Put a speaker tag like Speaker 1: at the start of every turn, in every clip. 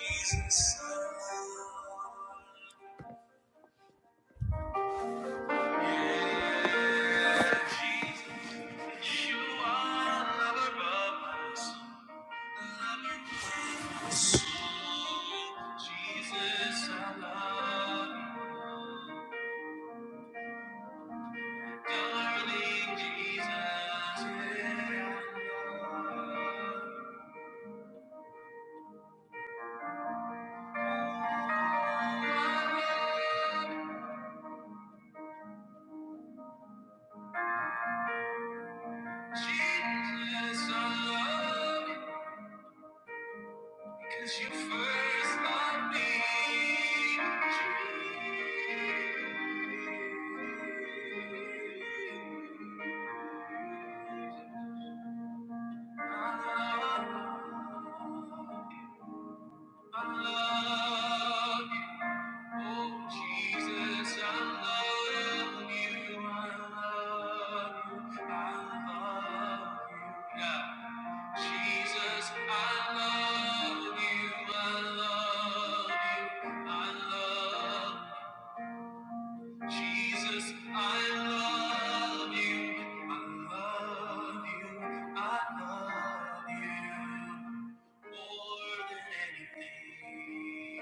Speaker 1: Jesus, you are lover of my soul, lover of my soul. Jesus, I love you, darling Jesus. yeah. Jesus, I love you. Cause you first loved me. I love you, oh Jesus, I love you, I love you, I love you. Yeah. Jesus, I love you. I love you. I love Jesus, I love you. I love you. I love you more than anything.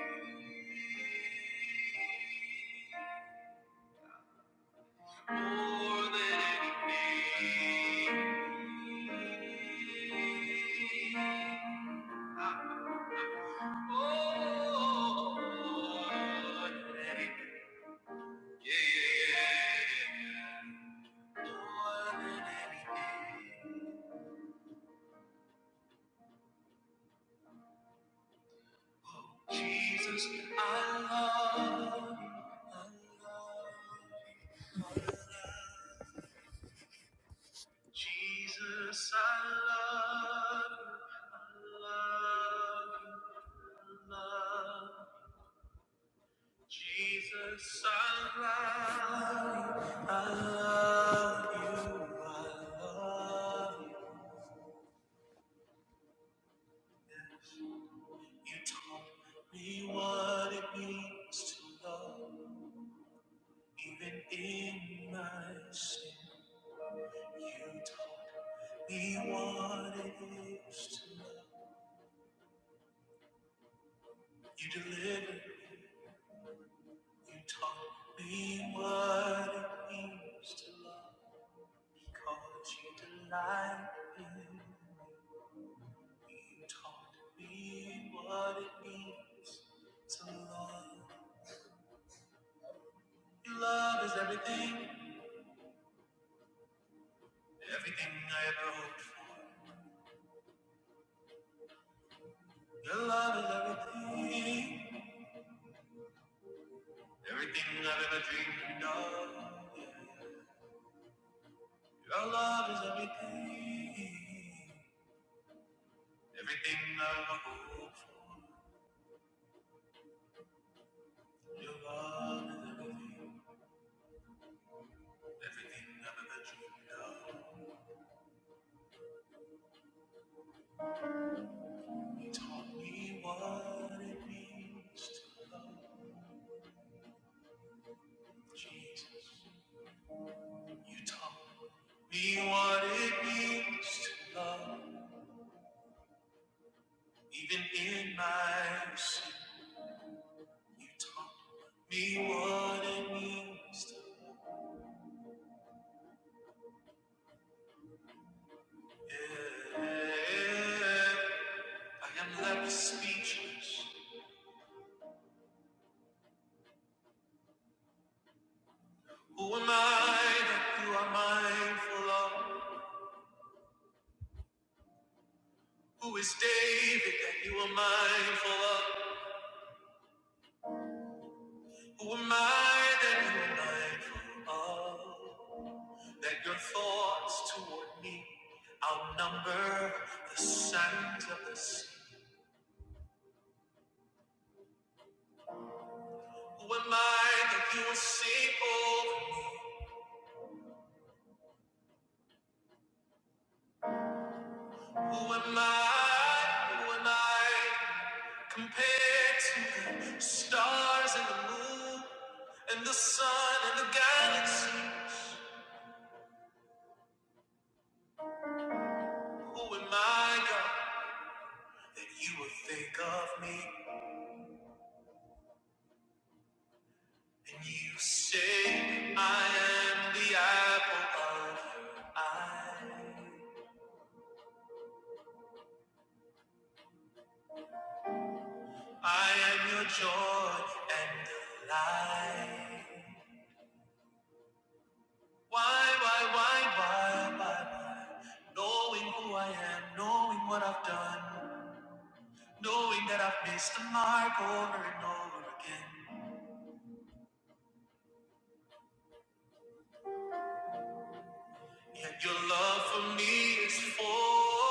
Speaker 1: More than anything. I Jesus, I love, I love. Jesus, I love you. I love you. I love you. Jesus, I love, you, I love you, I love you. You taught me what it means to love, even in my sin. You taught me what it is to love. You delivered me. You taught me what it means to love, because you delight in. You taught me what it means to love. Your love is everything, everything I ever hoped for. Your love is everything, everything I've ever dreamed of. Your love is everything, everything I've ever hoped for. Your love is everything, everything I've ever dreamed of. You taught me what it means to love Jesus. You taught me what it means to love, even in my sin. You taught me what it means to love. Yeah, I am left speechless. Who am I that you are mindful of? Who is David that you are mindful of? Who am I that you are mindful of? That your thoughts toward me outnumber the sands of the sea. Who am I that you will see over me? Who am I? Who am I compared to the stars and the moon and the sun and the galaxies? Who am I, God, that you would think of me? And you say I am the apple of your eye. I am your joy and delight. Why, why, why, why, why, why? Knowing who I am, knowing what I've done, knowing that I've missed the mark over and over again. Yet your love for me is full.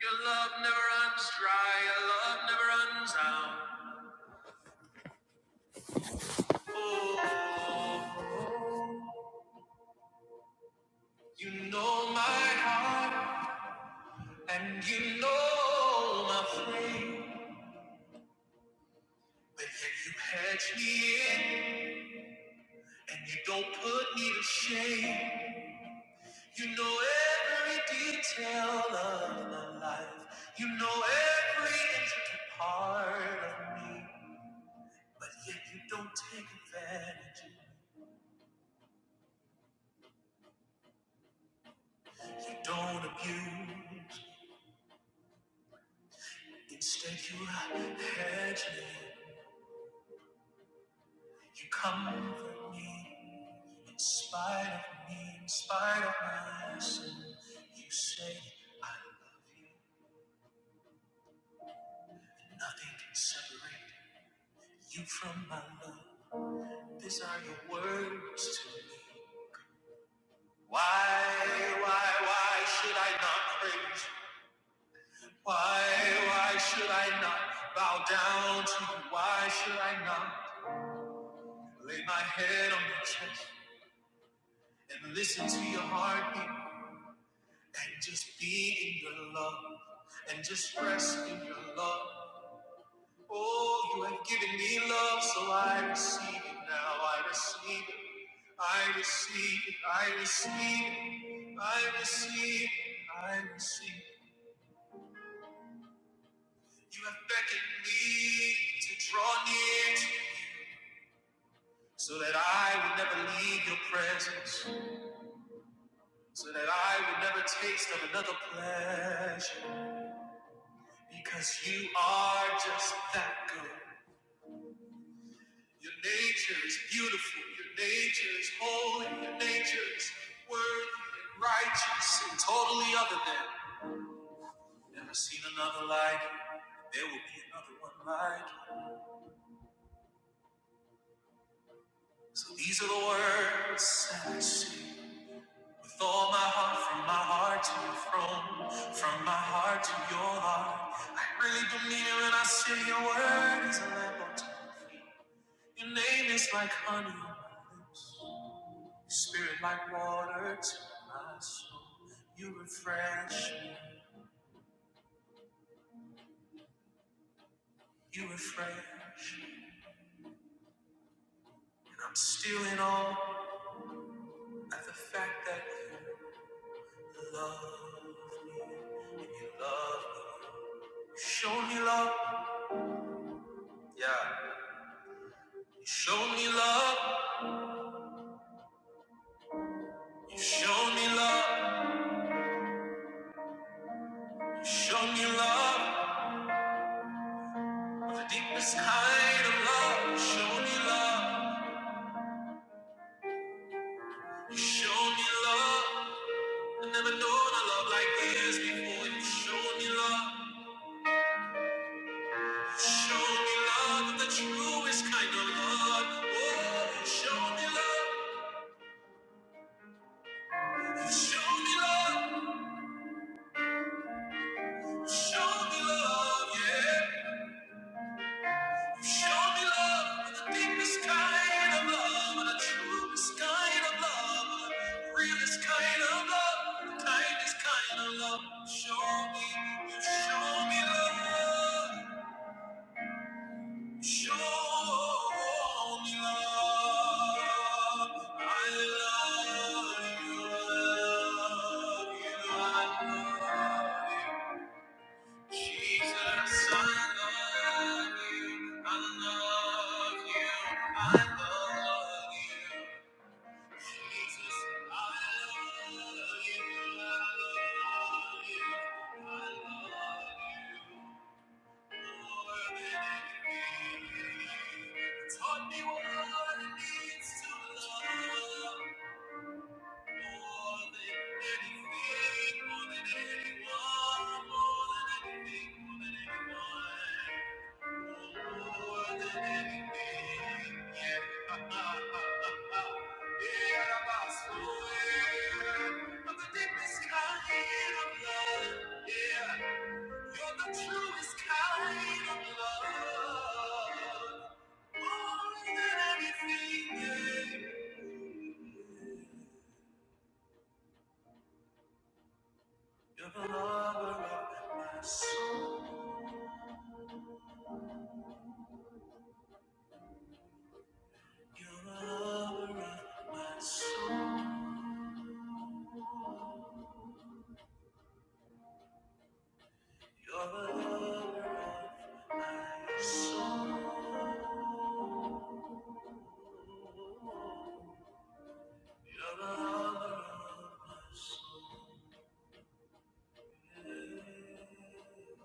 Speaker 1: Your love never runs dry, your love never runs out. Oh, you know my heart, and you know my frame. But if you catch me in and you don't put me to shame, you know every detail of my life. You know every intricate part of me. But yet you don't take advantage. You don't abuse. Instead, you hedge me. You comfort me. In spite of me, in spite of my sin, you say, I love you. Nothing can separate you from my love. These are your words to me. Why, why, why should I not praise you? Why, why should I not bow down to you? Why should I not lay my head on your chest and listen to your heartbeat and just be in your love and just rest in your love? Oh, you have given me love, so I receive it now. I receive it. I receive it. I receive it. I receive it. I receive it. You have beckoned me to draw near to you so that I would never leave your presence, so that I would never taste of another pleasure, because you are just that good. Your nature is beautiful. Your nature is holy. Your nature is worthy and righteous and totally other than. Never seen another like you. There will be another one like you. So these are the words that I sing. With all my heart, from my heart to your throne, from my heart to your heart. I really do mean it when I say your word is a lamp unto my feet. Your name is like honey on my lips. Spirit like water to my soul. You refresh, you refresh. And I'm still in awe at the fact that you love me. And you love me. You show me love. Yeah. You show me love. You show me love. You show me love. The deepest kind of love. You show me love. You show me love. I never known a love like this before. You show me love. Show me love, the truest kind of love. Oh, show me love, show me love, show me love, yeah. Show me love, the deepest kind of love, the truest kind of love, the realest kind of love, the kindest kind of love. Show me, show me love. Show me love. I love you. love you, I love you. Jesus, I love you. I love you. I love you. Jesus, I love you. I love you. I love you. Taught me what it means to love more than anything, more than anyone, more than anything, more than anyone, more than anything. Yeah, yeah, I swear, I'm the deepest kind of love. yeah. For the truest kind of love, more than anything, yeah. You're the lover of my soul. You're the lover of my soul. You're the lover of my soul. You're the lover of my soul. yeah.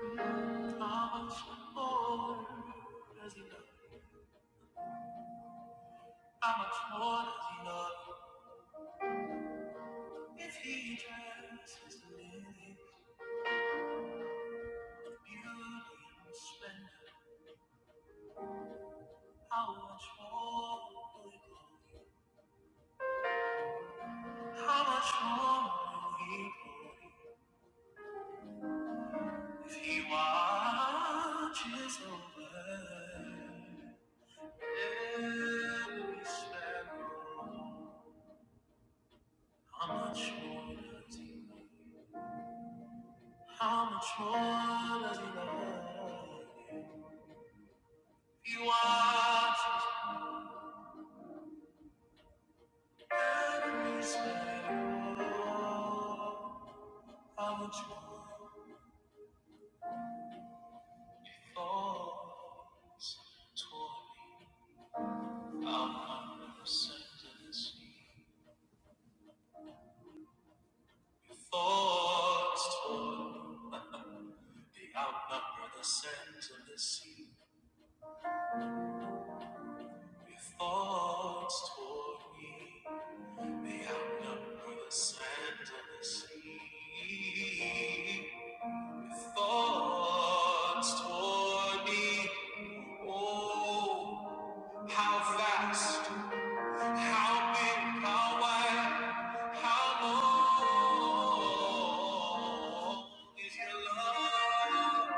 Speaker 1: How much more does he love? How much more does he love? If he dresses me in beauty and splendor, how much more will he glory? How much more will he glory? If he watches over every sparrow, how much more does he love? How much more does he love? you? He watches enemies fall. How much more falls toward me? I'm not the sea. Your thoughts toward me. They outnumber the sands of the sea. Your thoughts toward me. They outnumber the sands of the sea. Thoughts toward me, oh, how fast, how big, how wide, how long is your love?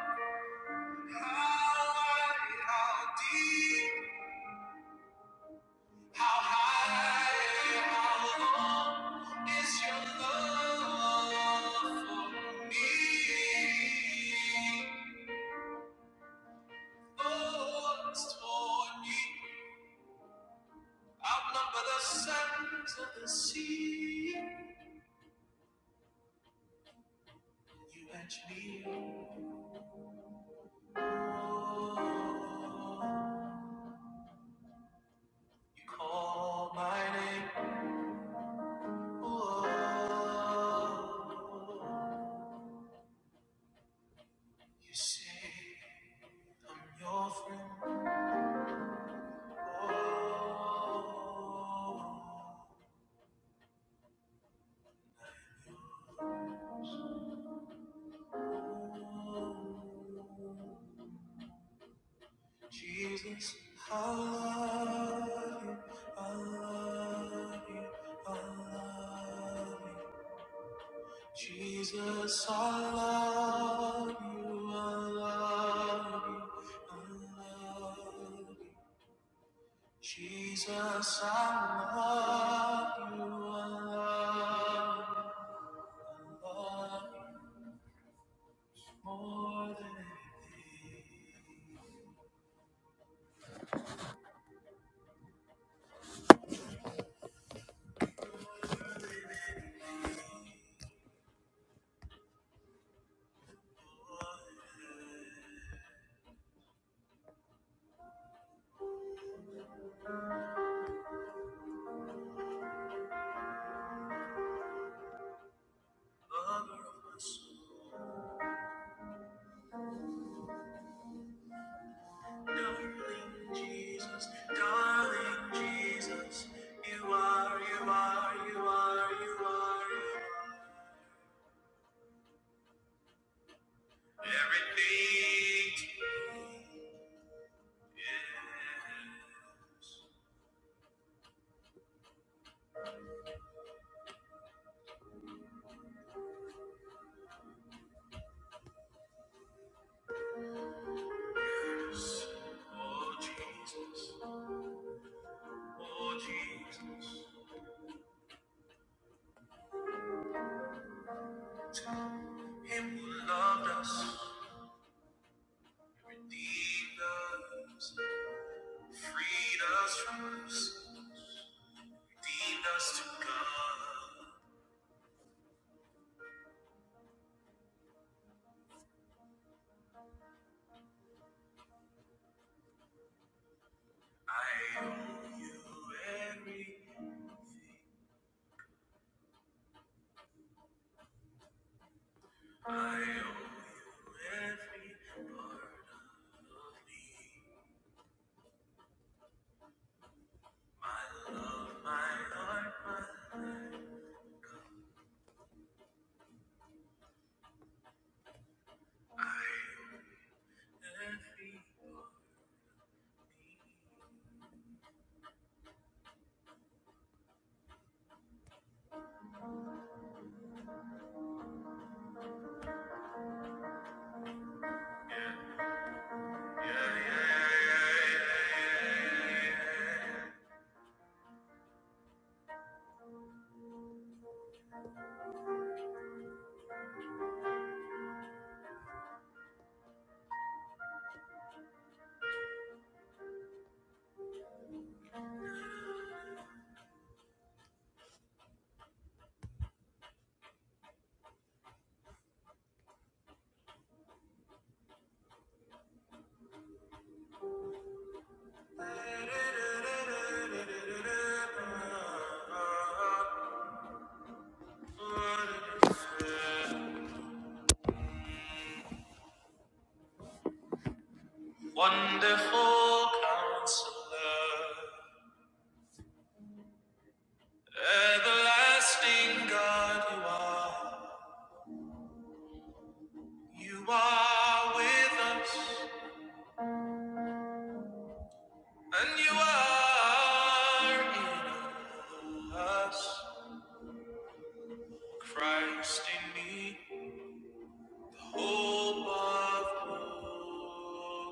Speaker 1: How wide, how deep, how high, how long is your love for me? Oh, it's torn me. Outnumber the sands of the sea. You edge me on. Oh, You call my name. Oh, you say I'm your friend. Oh, I'm yours. Oh. Jesus, I love you, I love you, I love you. Jesus, I love you, I love you, I love you. Jesus, I love you, I love you, I love you more than anything. Lover of my soul. Darling Jesus, darling Jesus, you are, you are, you are, you are, you are. Everything to me is. Yes. Oh Jesus, oh Jesus, Him who loved us, redeemed us, freed us from us redeemed us to God. I owe you everything. I owe you every part of me. My love, my heart, my life, every part. Wonderful counselor, everlasting God, you are. You are with us. And you are in us, Christ in me, the hope of glory.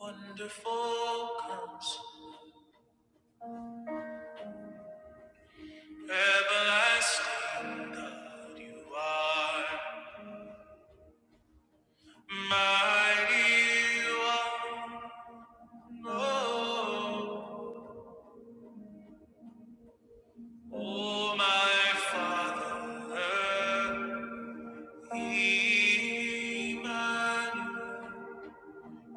Speaker 1: Wonderful comes everlasting God, you are mighty. You oh, oh my Father. Emmanuel,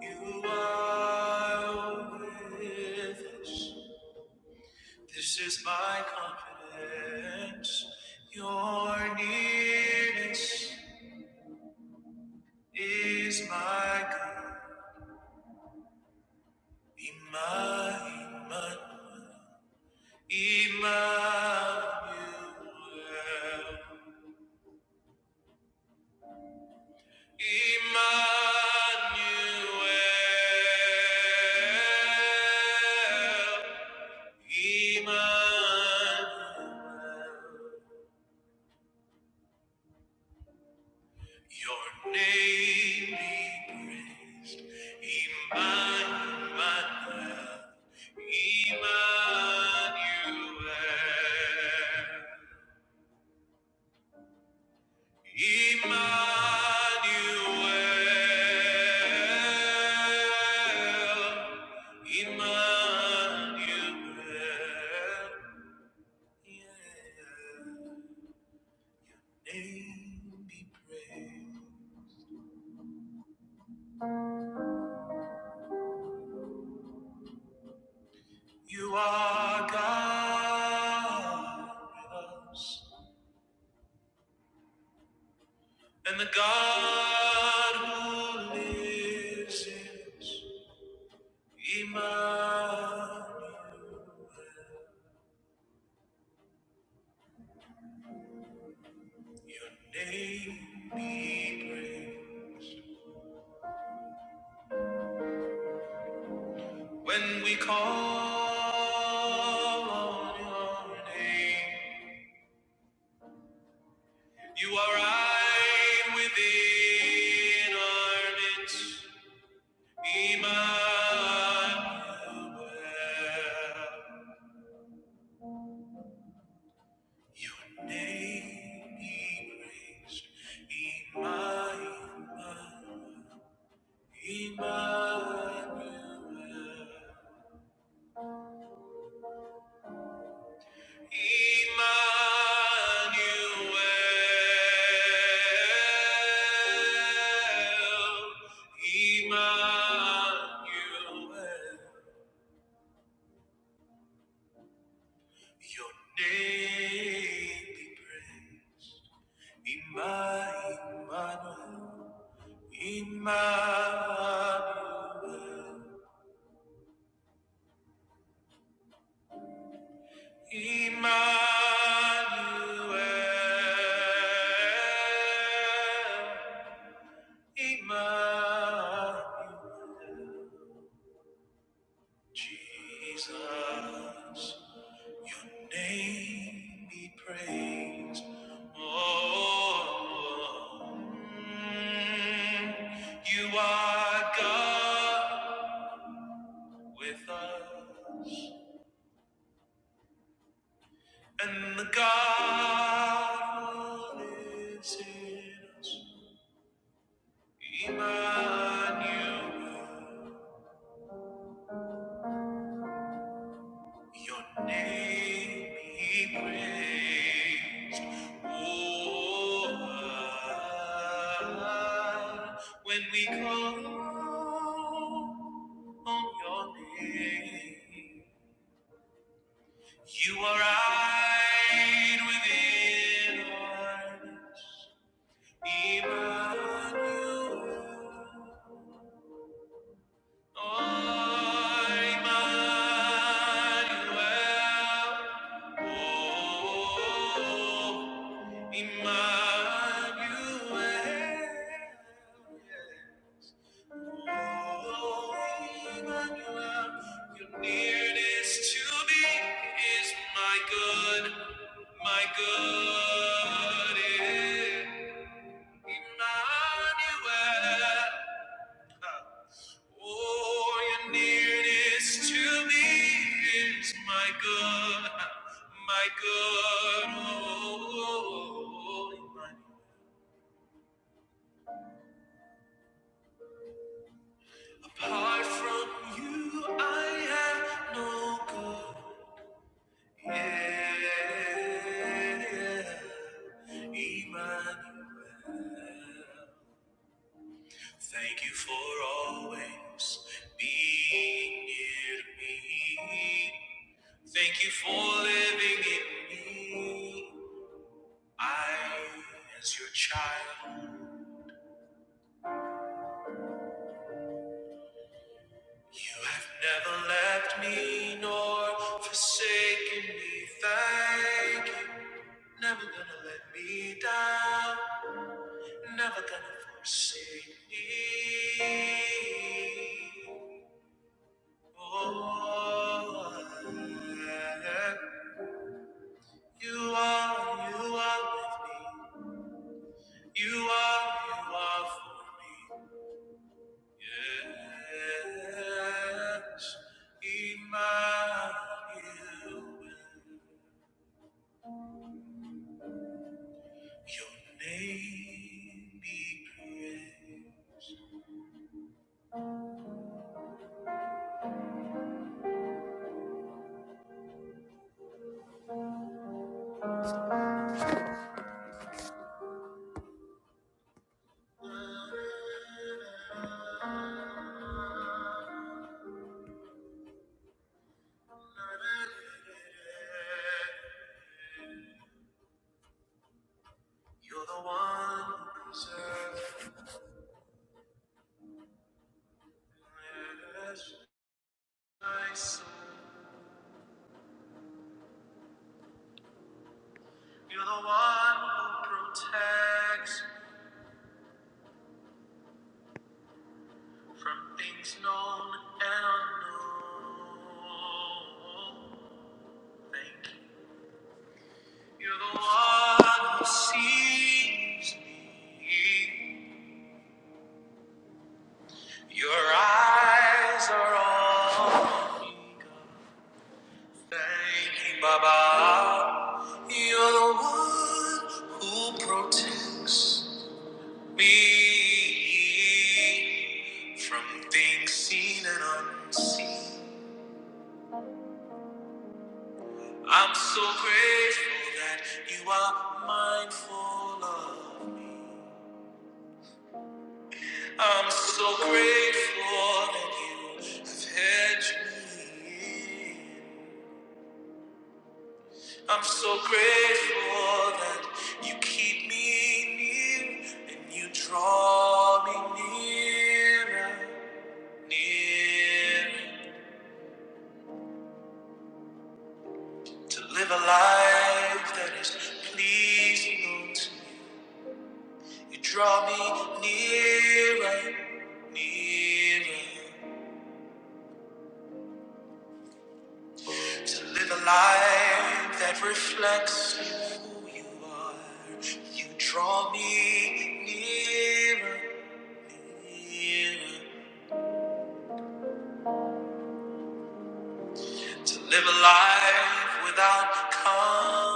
Speaker 1: you are with us. This is my confidence. Your nearness is my God. Emmanuel, Emmanuel, Emmanuel. Emmanuel, your name be praised. Emmanuel, Emmanuel, Emmanuel, Emmanuel. Yeah. Name be praised. You are God with us, and the God who lives is Emmanuel. Your name be praised when we call on your name. You are right within our midst, Emmanuel. Your name be praised, Emmanuel, Emmanuel, Emmanuel, Emmanuel. Your name be praised, Emmanuel, Emmanuel. Emmanuel, Emmanuel, Jesus, your name be praised. Oh, mm, you are God with us, and the God who lives in us. Emmanuel, your name be praised. Oh, ah, when we call on your name, you are right within our midst. Emmanuel. Your nearness to me is my good, my good. Emmanuel. Oh, your nearness to me is my good, my good. Oh, oh, oh, oh. apart from you, I have no good. Yeah, Emmanuel. Thank you for always being near to me. Thank you for living in me. I, as your child, you have never left me nor forsaken me. Thank you. Never gonna let me down. Never gonna forsake me. Oh, I You are, you are with me. You are, you are for me. Yes, Emmanuel. Your name be praised. You're the one who preserves my soul. You're the one who protects from things known and unknown. Thank you. You're the one who sees me. Your eyes are on me. Thank you, Baba. You're the one who protects me from things seen and unseen. I'm so grateful that you are mindful of me. I'm so grateful that you have hedged me in. I'm so grateful that you keep me near and you draw me nearer, nearer to live a life that is pleasing unto you. You draw me nearer, nearer to live a life that reflects who you are. You draw me nearer, nearer to live a life without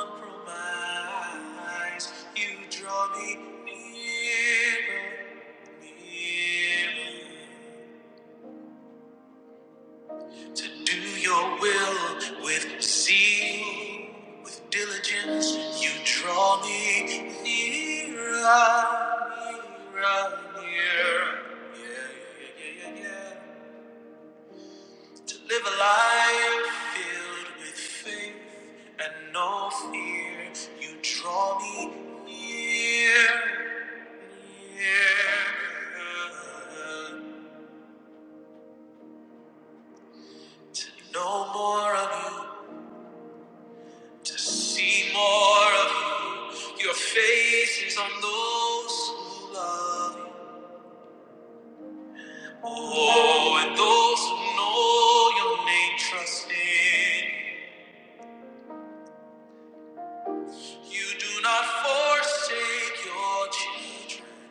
Speaker 1: compromise. You draw me nearer, nearer. to do your will with zeal, with diligence. You draw me nearer, nearer, nearer. Yeah, yeah, yeah, yeah, yeah. To live a life filled with faith and no fear. You draw me near, near. To know more of you to see more of you. Your face is on those who love you. Oh, and those who know your name trust in you. You do not forsake your children,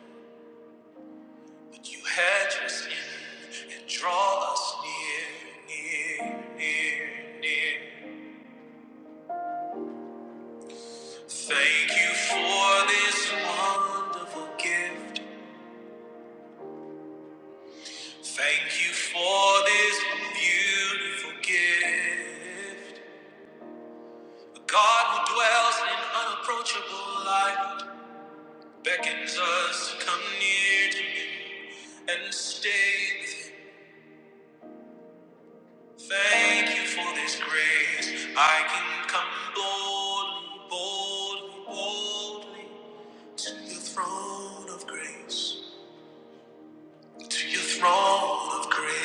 Speaker 1: but you hedge us in and draw us near, near, near, near. Thank you for this wonderful gift. Thank you for this beautiful gift. A God who dwells in unapproachable light beckons us to come near to Him and stay with Him. Thank you for this grace. I can come boldly, boldly, boldly to the throne of grace, to your throne of grace,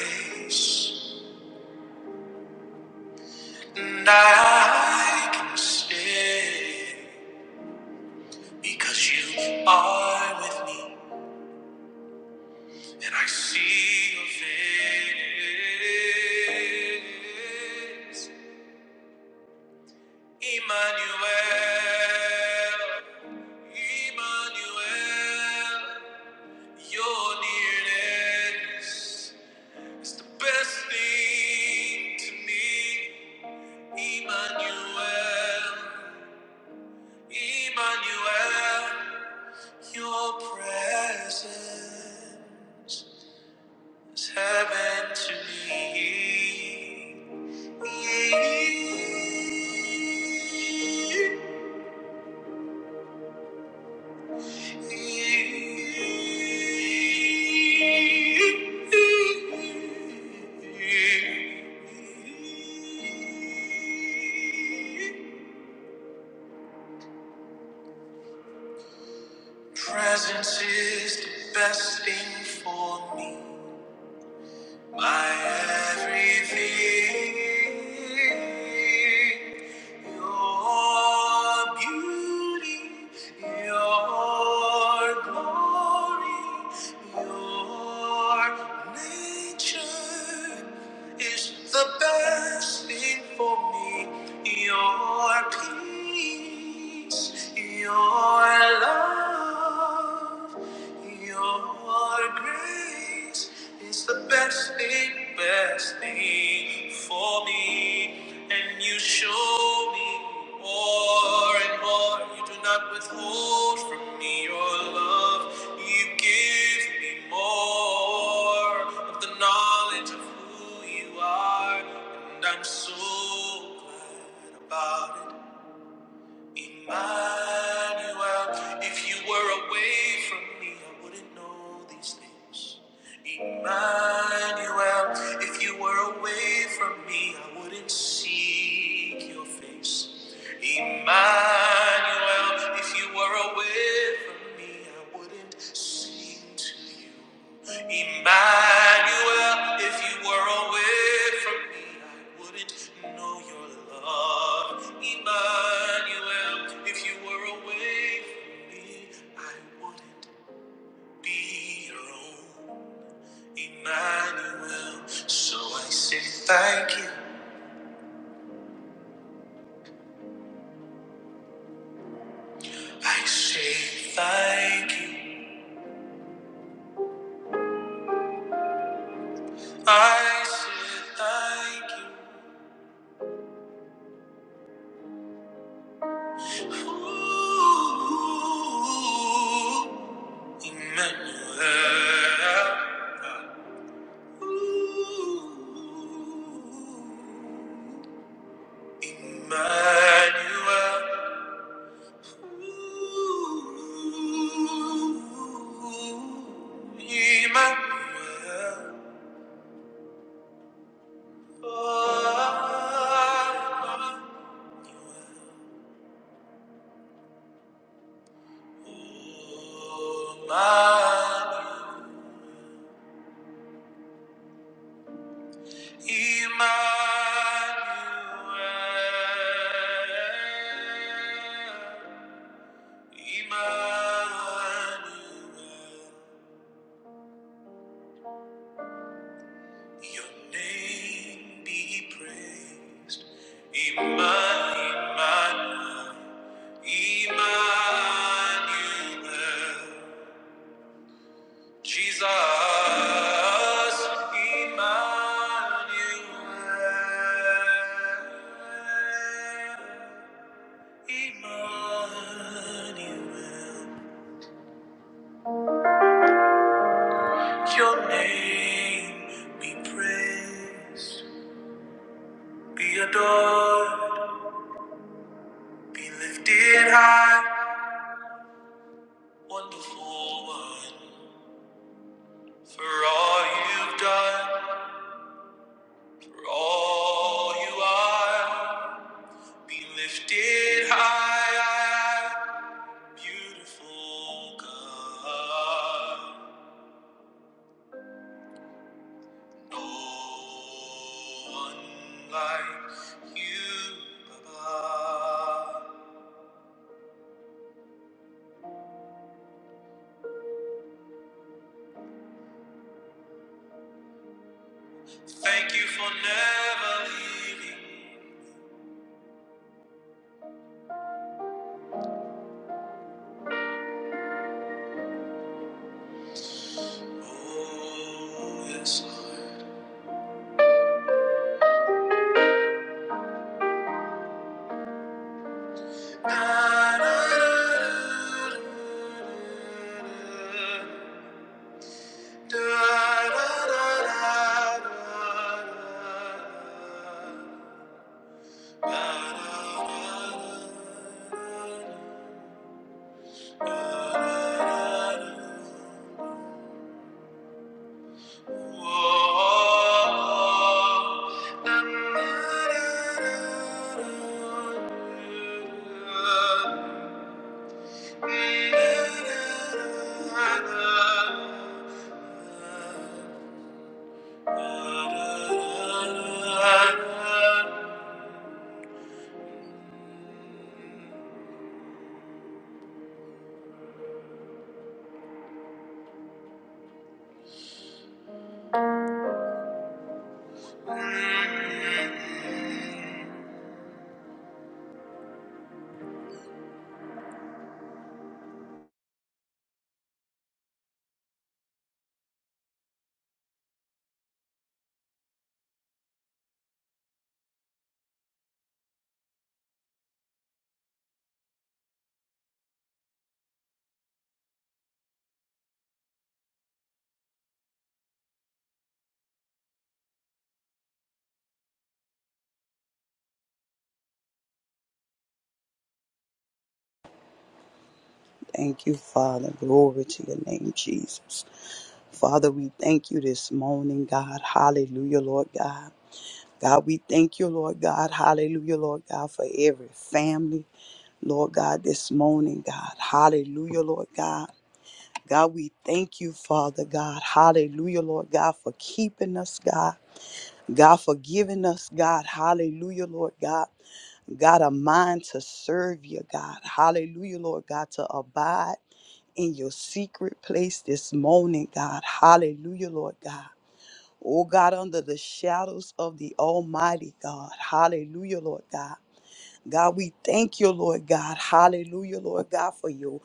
Speaker 1: and I can stay. Because you are with me, and I see your face. Emmanuel, Emmanuel, your nearness is the best thing to me. Emmanuel, Emmanuel, your presence. It's heaven to me. Presence is the best thing for me. My everything, your beauty, your glory, your nature is the best thing for me. Your peace, your love love. Your grace is the best thing, best thing for me. And you show me more and more. You do not withhold from me your love. You give me more of the knowledge of who you are. And I'm so glad about it. Emmanuel, if you were away from me, I wouldn't know these things. Emmanuel, if you were away from me, I wouldn't seek your face. Emmanuel, if you were away from me, I wouldn't sing to you. Emmanuel, if you were away from me, I wouldn't know your love. Emmanuel, if you were away from me, I wouldn't be your own. Emmanuel, so I say thank you. I say thank you. I say thank you. Ooh. Emmanuel. Ooh, Emmanuel. Emmanuel. Oh, oh, Emmanuel. Emmanuel. Emmanuel, your name be praised. Emma- Emmanuel, Emmanuel, Jesus, Emmanuel, Emmanuel, your name be praised. Be adored, be lifted high, wonderful one. For all you've done, for all you are, be lifted high, beautiful God. No one like you, Baba. Thank you for never leaving. Oh, yes, Lord. Oh Thank you.
Speaker 2: Thank you, Father. Glory to your name, Jesus. Father, we thank you this morning, God. Hallelujah, Lord God. God, we thank you, Lord God. Hallelujah, Lord God, for every family, Lord God, this morning, God. Hallelujah, Lord God. God, we thank you, Father God. Hallelujah, Lord God, for keeping us, God. God, for giving us, God. Hallelujah, Lord God. God, a mind to serve you, God. Hallelujah, Lord God, to abide in your secret place this morning, God. Hallelujah, Lord God. Oh God, under the shadows of the Almighty God. Hallelujah, Lord God. God, we thank you, Lord God. Hallelujah, Lord God, for your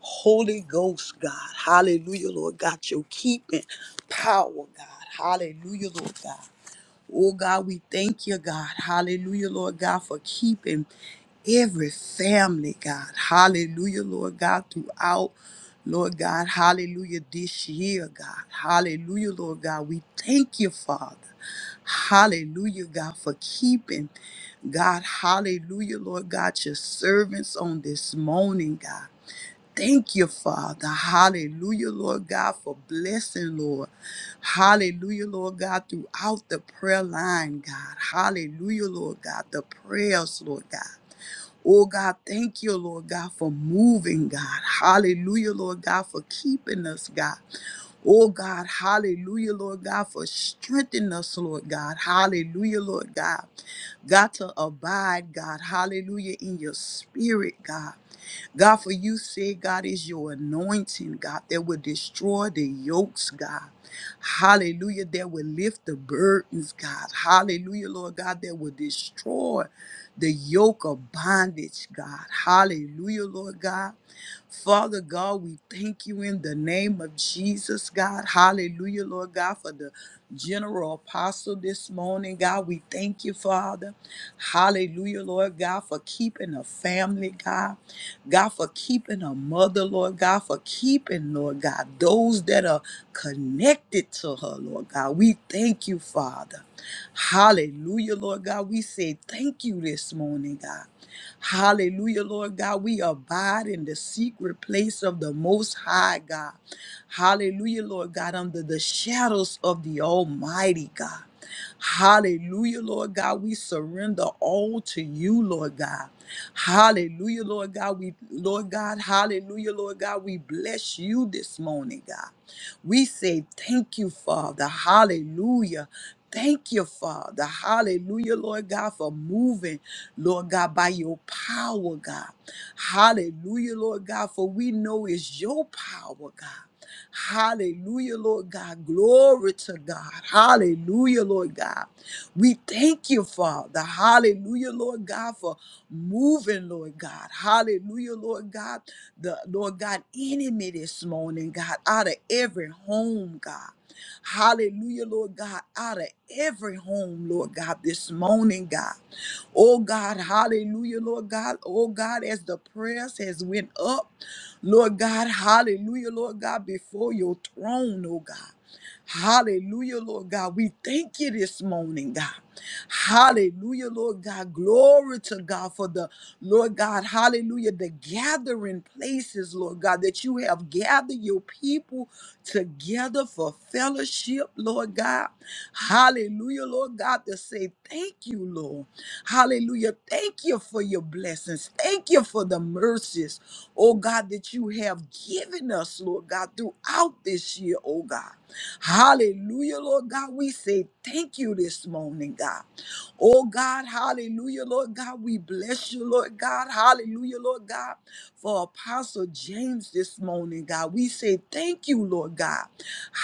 Speaker 2: Holy Ghost, God. Hallelujah, Lord God. Your keeping power, God. Hallelujah, Lord God. Oh God, we thank you, God. Hallelujah, Lord God, for keeping every family, God. Hallelujah, Lord God, throughout, Lord God, hallelujah, this year, God. Hallelujah, Lord God. We thank you, Father. Hallelujah, God, for keeping, God, hallelujah, Lord God, your servants on this morning, God. Thank you, Father. Hallelujah, Lord God, for blessing, Lord. Hallelujah, Lord God, throughout the prayer line, God. Hallelujah, Lord God, the prayers, Lord God. Oh God, thank you, Lord God, for moving, God. Hallelujah, Lord God, for keeping us, God. Oh God, hallelujah, Lord God, for strengthening us, Lord God. Hallelujah, Lord God. got to abide, God. Hallelujah, in your spirit, God. God, for you said, God, is your anointing, God, that will destroy the yokes, God. Hallelujah, that will lift the burdens, God. Hallelujah, Lord God, that will destroy the yoke of bondage, God. Hallelujah, Lord God. Father God, we thank you in the name of Jesus, God. Hallelujah, Lord God, for the general apostle this morning, God. We thank you, Father. Hallelujah, Lord God, for keeping a family, God. God, for keeping a mother, Lord God, for keeping, Lord God, those that are connected to her, Lord God. We thank you, Father. Hallelujah, Lord God. We say thank you this morning, God. Hallelujah, Lord God. We abide in the secret place of the Most High God. Hallelujah, Lord God, under the shadows of the Almighty God. Hallelujah, Lord God. We surrender all to you, Lord God. Hallelujah, Lord God. We, Lord God, hallelujah, Lord God. We bless you this morning, God. We say thank you, Father. Hallelujah. Thank you, Father. Hallelujah, Lord God, for moving, Lord God, by your power, God. Hallelujah, Lord God, for we know it's your power, God. Hallelujah, Lord God. Glory to God. Hallelujah, Lord God. We thank you, Father. Hallelujah, Lord God, for moving, Lord God. Hallelujah, Lord God. The Lord God enemy this morning, God, out of every home, God. Hallelujah, Lord God, out of every home, Lord God, this morning, God. Oh God, hallelujah, Lord God. Oh God, as the prayers has went up, Lord God, hallelujah, Lord God, before your throne, oh God. Hallelujah, Lord God. We thank you this morning, God. Hallelujah, Lord God. Glory to God for the Lord God. Hallelujah. The gathering places, Lord God, that you have gathered your people together for fellowship, Lord God. Hallelujah, Lord God, to say thank you, Lord. Hallelujah. Thank you for your blessings. Thank you for the mercy mercies, oh God, that you have given us, Lord God, throughout this year, oh God. Hallelujah, Lord God. We say thank you this morning, God. Oh God, hallelujah, Lord God. We bless you, Lord God. Hallelujah, Lord God, for Apostle James this morning, God. We say thank you, Lord God.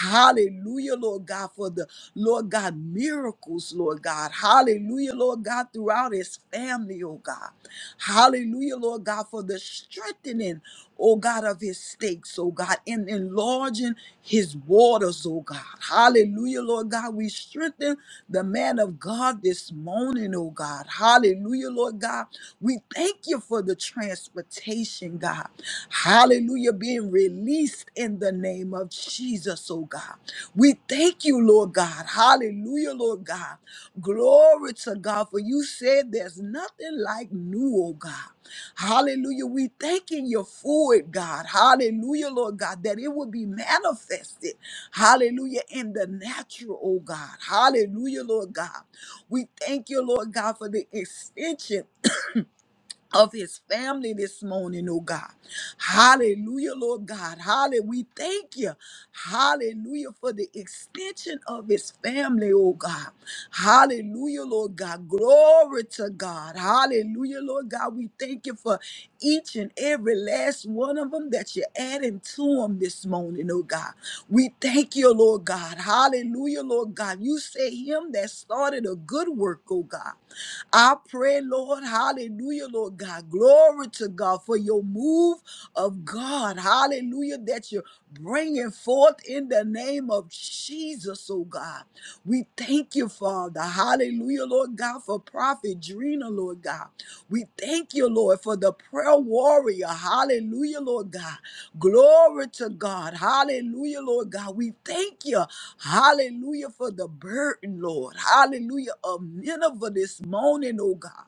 Speaker 2: Hallelujah, Lord God, for the Lord God miracles, Lord. Lord God. Hallelujah, Lord God, throughout his family, oh God. Hallelujah, Lord God, for the strengthening, oh God, of his stakes, oh God, and enlarging his waters, oh God. Hallelujah, Lord God. We strengthen the man of God this morning, oh God. Hallelujah, Lord God. We thank you for the transportation, God. Hallelujah, being released life in the name of Jesus, oh God. We thank you, Lord God. Hallelujah, Lord God. Glory to God, for you said there's nothing like new, oh God. Hallelujah. We thanking you for it, God. Hallelujah, Lord God, that it will be manifested. Hallelujah, in the natural, oh God. Hallelujah, Lord God. We thank you, Lord God, for the extension of his family this morning, oh God. Hallelujah, Lord God. Hallelujah. We thank you. Hallelujah for the extension of his family, oh God. Hallelujah, Lord God. Glory to God. Hallelujah, Lord God. We thank you for each and every last one of them that you're adding to them this morning, oh God. We thank you, Lord God. Hallelujah, Lord God. You say him that started a good work, oh God. I pray, Lord, hallelujah, Lord God. Glory to God for your move of God. Hallelujah, that you're bringing forth in the name of of Jesus, oh God. We thank you, Father. Hallelujah, Lord God, for Prophet Drina, Lord God. We thank you, Lord, for the prayer warrior. Hallelujah, Lord God. Glory to God. Hallelujah, Lord God. We thank you. Hallelujah, for the burden, Lord. Hallelujah, of Nineveh this morning, oh God.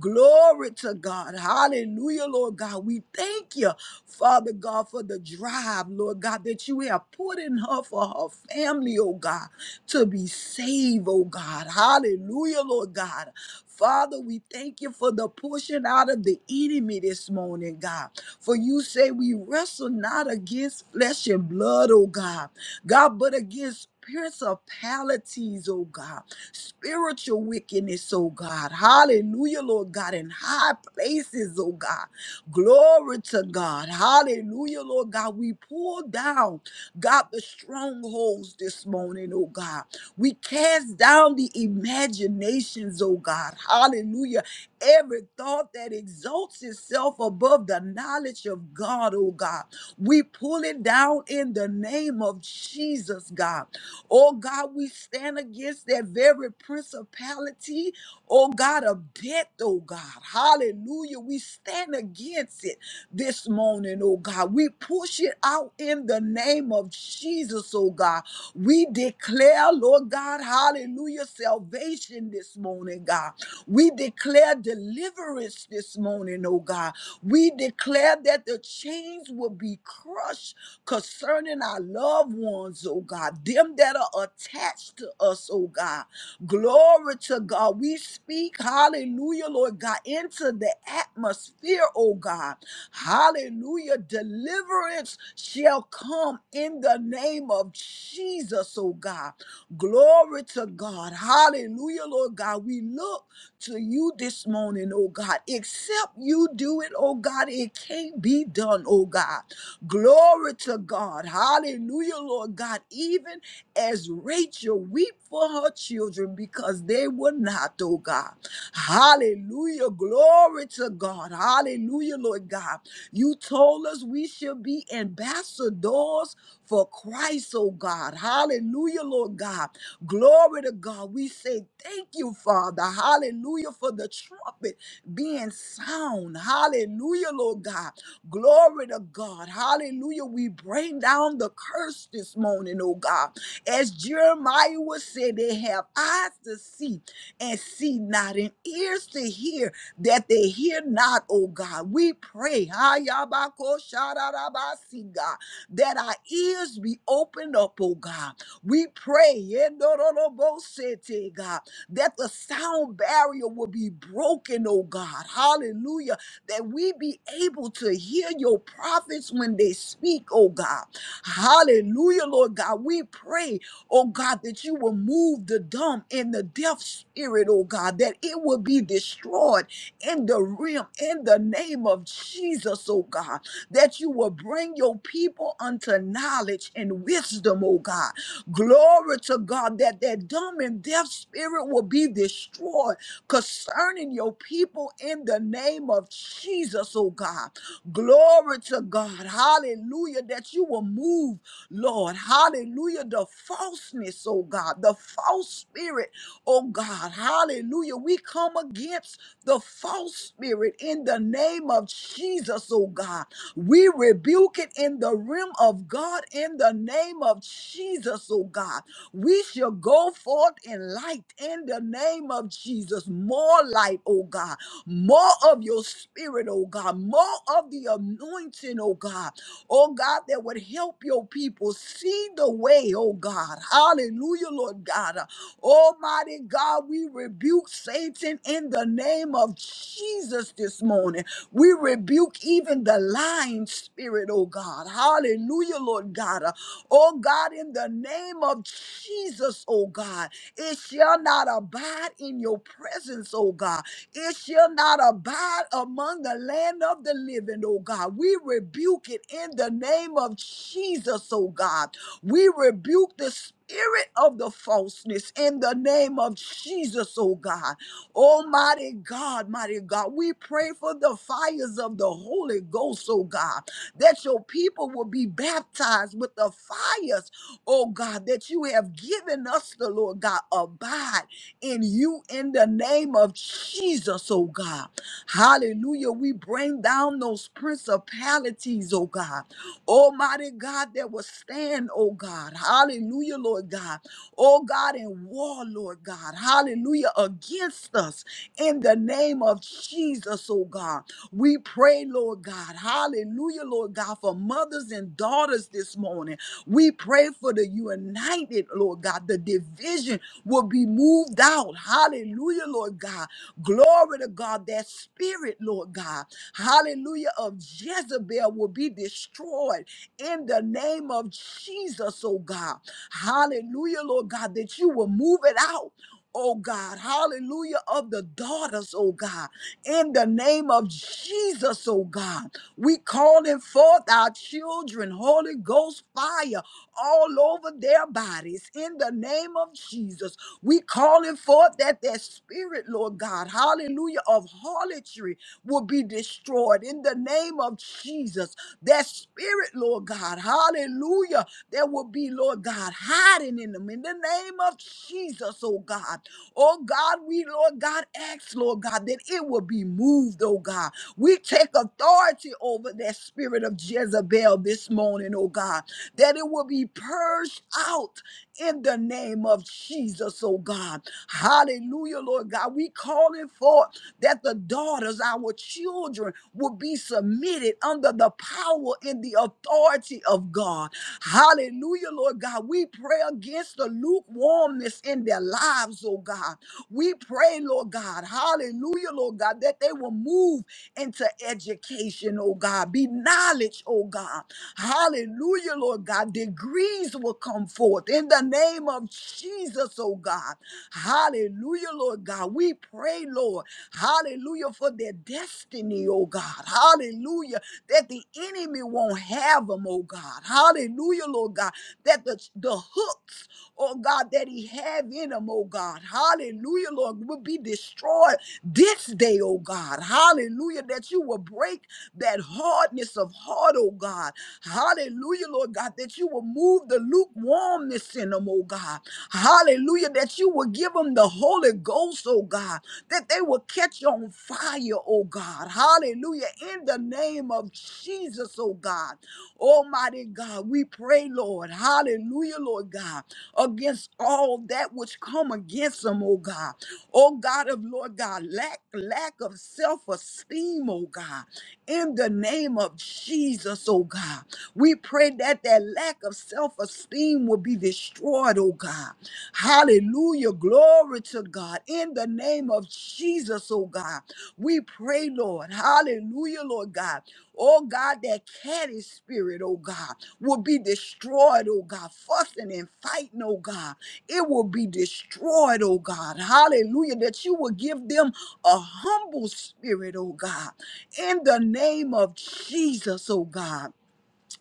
Speaker 2: Glory to God. Hallelujah, Lord God. We thank you, Father God, for the drive, Lord God, that you have put in her for her family, oh God, to be saved, oh God. Hallelujah, Lord God. Father, we thank you for the pushing out of the enemy this morning, God. For you say we wrestle not against flesh and blood, oh God. God, but against principalities, oh God spiritual wickedness, oh God. Hallelujah, Lord God, in high places, oh God. Glory to God. Hallelujah, Lord God. We pull down, God, the strongholds this morning, oh God. We cast down the imaginations, oh God. Hallelujah. Every thought that exalts itself above the knowledge of God, oh God. We pull it down in the name of Jesus, God. Oh God, we stand against that very principality. Oh God, of death, oh God. Hallelujah. We stand against it this morning, oh God. We push it out in the name of Jesus, oh God. We declare, Lord God, hallelujah, salvation this morning, God. We declare deliverance this morning, oh God. We declare that the chains will be crushed concerning our loved ones, oh God, them that are attached to us, oh God. Glory to God. We speak, hallelujah, Lord God, into the atmosphere, oh God. Hallelujah. Deliverance shall come in the name of Jesus, oh God. Glory to God. Hallelujah, Lord God. We look to you this morning, oh God. Except you do it, oh God, it can't be done, oh God. Glory to God. Hallelujah, Lord God. Even as Rachel weep for her children because they were not, oh God. Hallelujah. Glory to God. Hallelujah, Lord God. You told us we should be ambassadors for Christ, oh God. Hallelujah, Lord God. Glory to God. We say thank you, Father. Hallelujah, for the trumpet being sound. Hallelujah, Lord God. Glory to God. Hallelujah. We bring down the curse this morning, oh God. As Jeremiah was said, they have eyes to see and see not, and ears to hear that they hear not, oh God. We pray, Hayabakoshadadabasi, God, that our ears be opened up, oh God. We pray, Yedororobosete, God, that the sound barrier will be broken, oh God. Hallelujah that we be able to hear your prophets when they speak, oh God. Hallelujah, Lord God. We pray, oh God, that you will move the dumb and the deaf spirit, oh God, that it will be destroyed in the realm, in the name of Jesus, oh God, that you will bring your people unto knowledge and wisdom, oh God. Glory to God, that that dumb and deaf spirit will be destroyed concerning your people in the name of Jesus, oh God. Glory to God. Hallelujah. That you will move, Lord. Hallelujah. The falseness, oh God, the false spirit. Oh God, hallelujah. We come against the false spirit in the name of Jesus, oh God. We rebuke it in the realm of God in the name of Jesus, oh God. We shall go forth in light in the name of Jesus. More light, oh God. More of your spirit, oh God God, more of the anointing, oh God, oh God, that would help your people see the way, oh God. Hallelujah, Lord God. Uh, Almighty God, we rebuke Satan in the name of Jesus this morning. We rebuke even the lying spirit, oh God. Hallelujah, Lord God. Uh, Oh God. God, in the name of Jesus, oh God. It shall not abide in your presence, oh God. It shall not abide among the land of the living, oh God. We rebuke it in the name of Jesus, oh God. We rebuke the spirit of the falseness in the name of Jesus, oh God. Almighty God, mighty God, we pray for the fires of the Holy Ghost, oh God that your people will be baptized with the fires, oh God, that you have given us the Lord God. Abide in you in the name of Jesus, oh God. Hallelujah. We bring down those principalities, oh God. Almighty God that will stand, oh God. Hallelujah, Lord God. Oh God, in war, Lord God. Hallelujah, against us in the name of Jesus, oh God. We pray, Lord God. God. Hallelujah, Lord God, for mothers and daughters this morning. We pray for the united, Lord God. The division will be moved out. Hallelujah, Lord God. Glory to God. That spirit, Lord God. Hallelujah, of Jezebel will be destroyed in the name of Jesus, oh God. Hallelujah, Lord God, that you will move it out oh God. Hallelujah of the daughters, oh God. In the name of Jesus, oh God. We calling forth our children, Holy Ghost fire all over their bodies. In the name of Jesus, we calling forth that their spirit, Lord God, hallelujah, of harlotry will be destroyed. In the name of Jesus, that spirit, Lord God, hallelujah, there will be, Lord. Lord God, hiding in them in the name of Jesus, oh God. Oh God, we, Lord God, ask, Lord God, that it will be moved, oh God. We take authority over that spirit of Jezebel this morning, oh God, that it will be purged out in the name of Jesus, oh God. Hallelujah, Lord God. We calling forth that the daughters, our children, will be submitted under the power power in the authority of God. Hallelujah, Lord God. We pray against the lukewarmness in their lives, oh God. We pray, Lord God, hallelujah, Lord God, that they will move into education, oh God, be knowledge, oh God. Hallelujah, Lord God. Degrees will come forth in the name of Jesus, oh God. Hallelujah, Lord God. We pray, Lord, hallelujah, for their their destiny, oh God. Hallelujah. That the enemy won't have them, oh God. Hallelujah, Lord God. That the, the hooks, oh God, that he have in them, oh God. Hallelujah, Lord, will be destroyed this day, oh God. Hallelujah. That you will break that hardness of heart, oh God. Hallelujah, Lord God, that you will move the lukewarmness in them, oh God. Hallelujah, that you will give them the Holy Ghost, oh God, that they will catch on fire, oh God. Hallelujah. In the name of Jesus, oh God. Almighty God, we pray, Lord. Hallelujah, Lord God, against all that which come against them, oh God. Oh God of Lord God, lack, lack of self-esteem, oh God in the name of Jesus, oh God. We pray that that lack of self esteem will be destroyed, oh God. Hallelujah. Glory to God. In the name of Jesus, oh God. We pray, Lord. Hallelujah, Lord God. Oh God, that catty spirit, oh God, will be destroyed, oh God, fussing and fighting, oh God. It will be destroyed, oh God. Hallelujah. That you will give them a humble spirit, oh God. In the name of Jesus, oh God.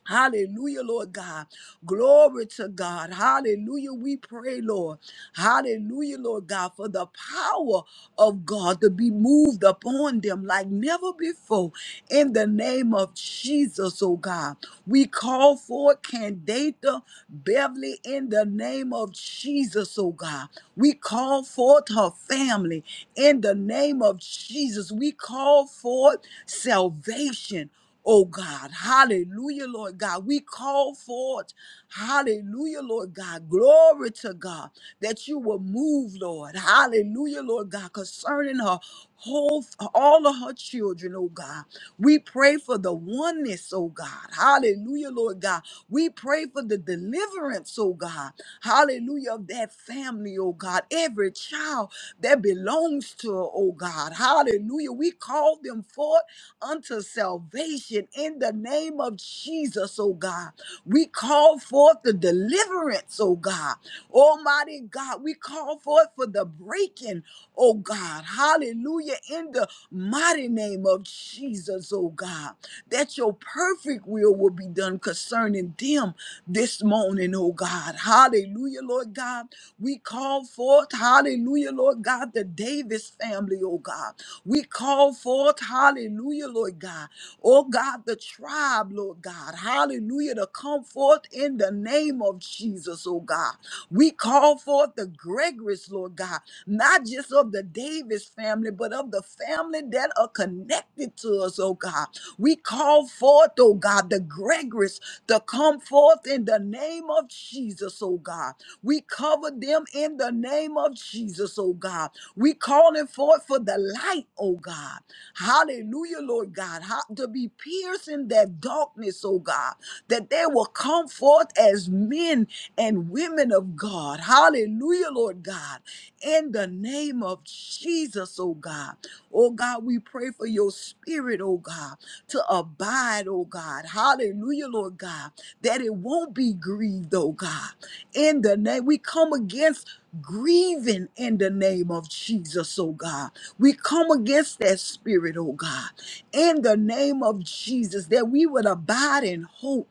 Speaker 2: Hallelujah, Lord God. Glory to God. Hallelujah. We pray, Lord. Hallelujah, Lord God, for the power of God to be moved upon them like never before. In the name of Jesus, oh God. We call for Candata Beverly in the name of Jesus, oh God. We call forth her family in the name of Jesus. We call forth salvation. Oh God, hallelujah, Lord God. We call forth, hallelujah, Lord God. Glory to God that you will move, Lord. Hallelujah, Lord God, concerning her whole, all of her children, oh God. We pray for the oneness, oh God. Hallelujah, Lord God. We pray for the deliverance, oh God. Hallelujah, of that family, oh God. Every child that belongs to her, oh God. Hallelujah. We call them forth unto salvation in the name of Jesus, oh God. We call forth the deliverance, oh God. Almighty God, we call forth for the breaking, oh God. Hallelujah, in the mighty name of Jesus, oh God that your perfect will will be done concerning them this morning, oh God. Hallelujah, Lord God. We call forth, hallelujah, Lord God, the Davis family, oh God. We call forth, hallelujah, Lord God. Oh God, the tribe, Lord God. Hallelujah, to come come forth in the name of Jesus, oh God. We call forth the Gregory's, Lord God, not just of the Davis family, but of the family that are connected to us, oh God. We call forth, oh God, the Gregory's to come forth in the name of Jesus, oh God. We cover them in the name of Jesus, oh God. We calling forth for the light, oh God. Hallelujah, Lord God. How, to be pierced in that darkness, oh God that they will come forth as men and women of God. Hallelujah, Lord God. In the name of Jesus, oh God. Oh God, we pray for your spirit, oh God, to abide, oh God. Hallelujah, Lord God, that it won't be grieved, oh God. In the name, we come against grieving in the name of Jesus, oh God. We come against that spirit, oh God, in the name of Jesus, that we would abide in hope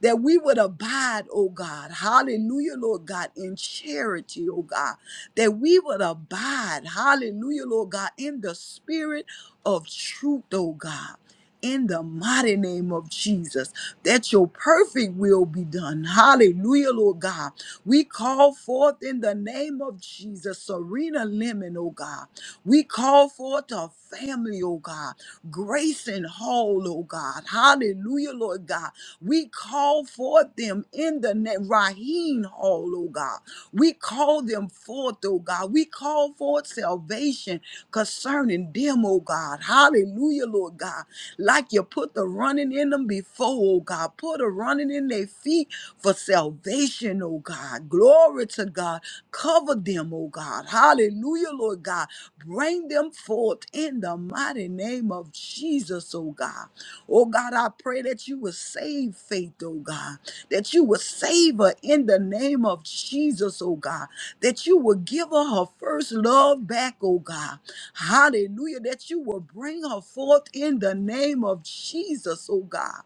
Speaker 2: that we would abide, oh God. Hallelujah, Lord God, in charity, oh God. That we would abide, hallelujah, Lord God, in the spirit of truth, oh God. In the mighty name of Jesus, that your perfect will be done. Hallelujah, Lord God. We call forth in the name of Jesus, Serena Lemon, oh God. We call forth a family, oh God. Grace and Hall, oh God. Hallelujah, Lord God we call forth them in the name, Raheen Hall, oh God. We call them forth, oh God. We call forth salvation concerning them, oh God. Hallelujah, Lord God. Like you put the running in them before, oh God. Put a running in their feet for salvation, oh God. Glory to God. Cover them, oh God. Hallelujah, Lord God. Bring them forth in the mighty name of Jesus, oh God. Oh God, I pray that you would save faith, oh God, that you would save her in the name of Jesus, oh God, that you would give her her first love back, oh God. Hallelujah, that you will bring her forth in the name of Jesus, oh God.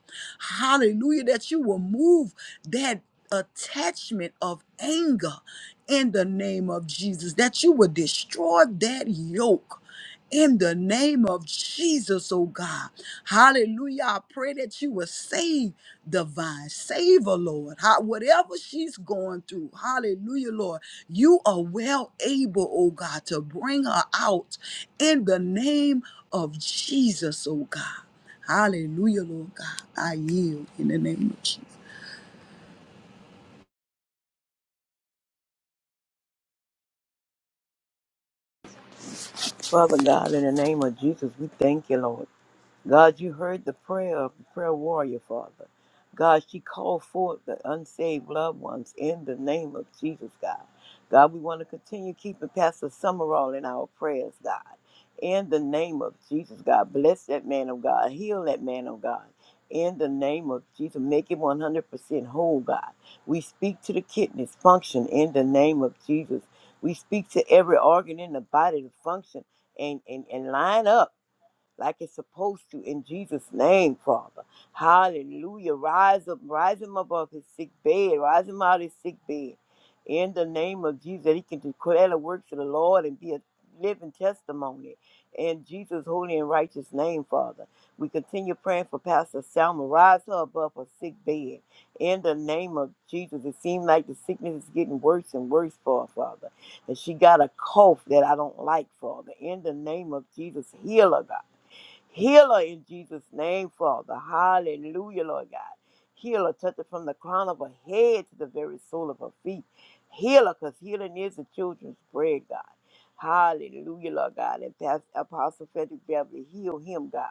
Speaker 2: Hallelujah, that you will move that attachment of anger in the name of Jesus, that you would destroy that yoke in the name of Jesus, oh God. Hallelujah. I pray that you will save the vine, Save her, Lord. How, whatever she's going through. Hallelujah, Lord. You are well able, oh God, to bring her out in the name of Jesus, oh God. Hallelujah, Lord God. I yield in the name of Jesus.
Speaker 3: Father God, in the name of Jesus, we thank you, Lord. God, you heard the prayer of the prayer warrior, Father. God, she called forth the unsaved loved ones in the name of Jesus, God. God, we want to continue keeping Pastor Summerall in our prayers, God. In the name of Jesus, God. Bless that man of God. Heal that man of God. In the name of Jesus, make him 100% whole, God. We speak to the kidneys function in the name of Jesus. We speak to every organ in the body to function and, and, and line up like it's supposed to in Jesus' name, Father. Hallelujah. Rise up, rise him above his sick bed, rise him out of his sick bed. In the name of Jesus, that he can declare the works of the Lord and be a living testimony. In Jesus' holy and righteous name, Father. We continue praying for Pastor Selma. Rise her above her sick bed. In the name of Jesus, it seems like the sickness is getting worse and worse for her, Father. And she got a cough that I don't like, Father. In the name of Jesus, heal her, God. Healer in Jesus' name, Father. Hallelujah, Lord God. Healer, touch it from the crown of her head to the very sole of her feet. Healer, because healing is the children's bread, God. Hallelujah, Lord God. And Pastor Apostle Frederick Beverly, heal him, God.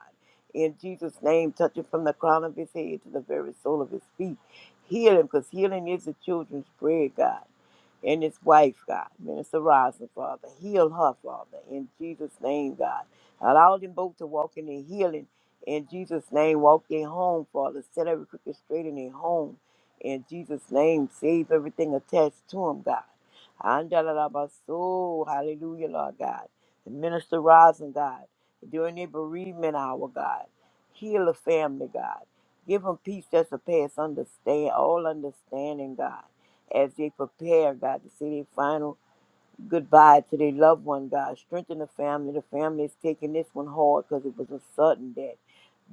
Speaker 3: In Jesus' name, touch it from the crown of his head to the very sole of his feet. Heal him, because healing is the children's bread, God and his wife, God. Minister Rosin, Father. Heal her, Father. In Jesus' name, God. Allow them both to walk in their healing. In Jesus' name, walk their home, Father. Set every crooked straight in their home. In Jesus' name, save everything attached to them, God. Andalalabaso, Hallelujah, Lord God. The Minister Rising, God. During their bereavement hour, God. Heal the family, God. Give them peace that surpass understand all understanding, God. As they prepare, God, to see their final goodbye to their loved one, God. Strengthen the family. The family is taking this one hard because it was a sudden death.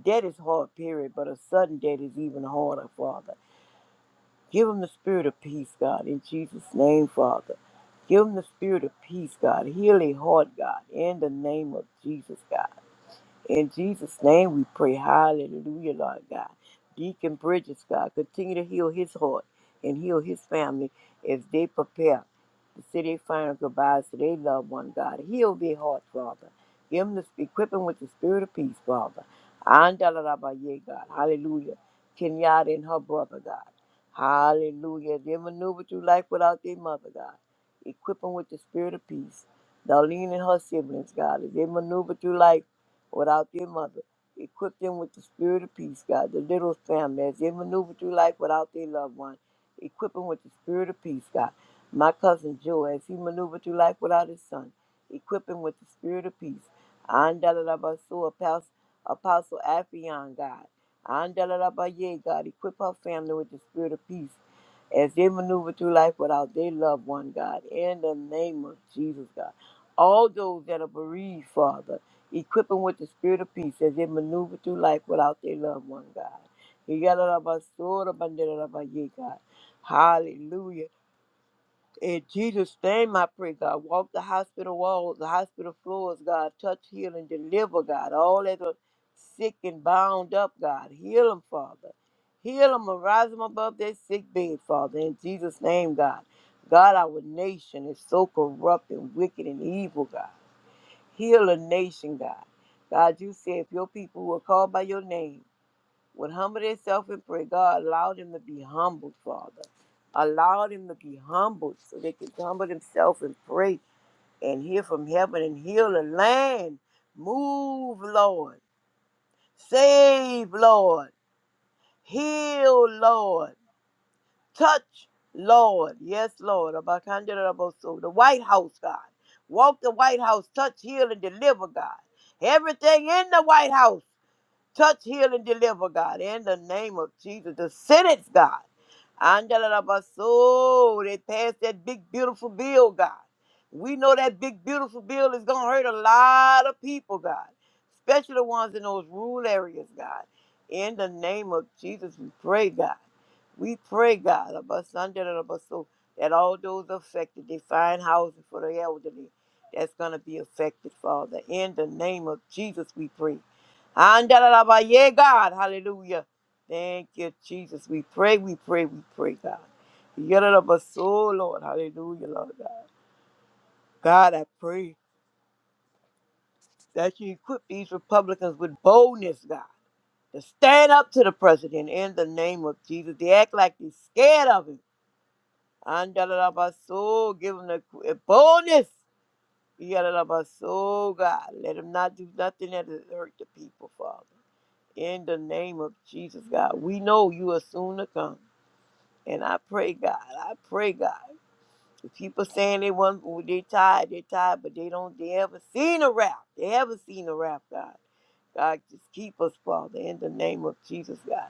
Speaker 3: Death is hard, period, but a sudden death is even harder, Father. Give them the spirit of peace, God, in Jesus' name, Father. Give them the spirit of peace, God. Heal their heart, God, in the name of Jesus, God. In Jesus' name we pray. Hallelujah, Lord God. Deacon Bridges, God, continue to heal his heart and heal his family as they prepare to say their final goodbyes to their loved one, God. Heal their hearts, Father. Give them the equip them with the spirit of peace, Father. Andalarabaye, God. Hallelujah. Kenyatta and her brother, God. Hallelujah. They maneuver through life without their mother, God. Equip them with the spirit of peace. Darlene and her siblings, God, as they maneuver through life without their mother. Equip them with the spirit of peace, God. The little family, as they maneuver through life without their loved one, equip them with the spirit of peace, God. My cousin Joe, as he maneuvered through life without his son, equip him with the spirit of peace. Andalabasu, Apostle, Apostle Afion, God. Andalabaye, God. Equip her family with the spirit of peace as they maneuver through life without their loved one, God. In the name of Jesus, God. All those that are bereaved, Father equip them with the spirit of peace as they maneuver through life without their loved one, God. Yadadabasorabandadadabaye, God. Hallelujah. In Jesus' name, I pray, God. Walk the hospital walls, the hospital floors, God. Touch, heal, and deliver, God. All that are sick and bound up, God. Heal them, Father. Heal them and rise them above their sick bed, Father. In Jesus' name, God. God, our nation is so corrupt and wicked and evil, God. Heal a nation, God. God, you said if your people who are called by your name would humble themselves and pray, God, allow them to be humbled, Father. Allow them to be humbled so they can humble themselves and pray and hear from heaven and heal the land. Move, Lord. Save, Lord. Heal, Lord. Touch, Lord. Yes, Lord. Abakandarabosu. The White House, God. Walk the White House. Touch, heal, and deliver, God. Everything in the White House. Touch, heal, and deliver, God, in the name of Jesus. The sentence, God. Andalabaso, they passed that big, beautiful bill, God. We know that big, beautiful bill is going to hurt a lot of people, God, especially the ones in those rural areas, God. In the name of Jesus, we pray, God. We pray, God, Abasandalabaso, that all those affected, they find housing for the elderly that's going to be affected, Father. In the name of Jesus, we pray. Andalaba, yeah, God. Hallelujah. Thank you, Jesus. We pray, we pray, we pray, God. Yadalaba, so, Lord. Hallelujah, Lord God. God, I pray that you equip these Republicans with boldness, God, to stand up to the president in the name of Jesus. They act like they're scared of him. Andalaba, so, give them the qu- boldness. Yadalaba, so, God. Let him not do nothing that hurt the people, Father. In the name of Jesus, God, we know you are soon to come. And I pray, God, I pray, God. If people saying they want, oh, they tired, they tired, but they don't, they haven't seen a rap. They haven't seen a rap, God. God, just keep us, Father, in the name of Jesus, God.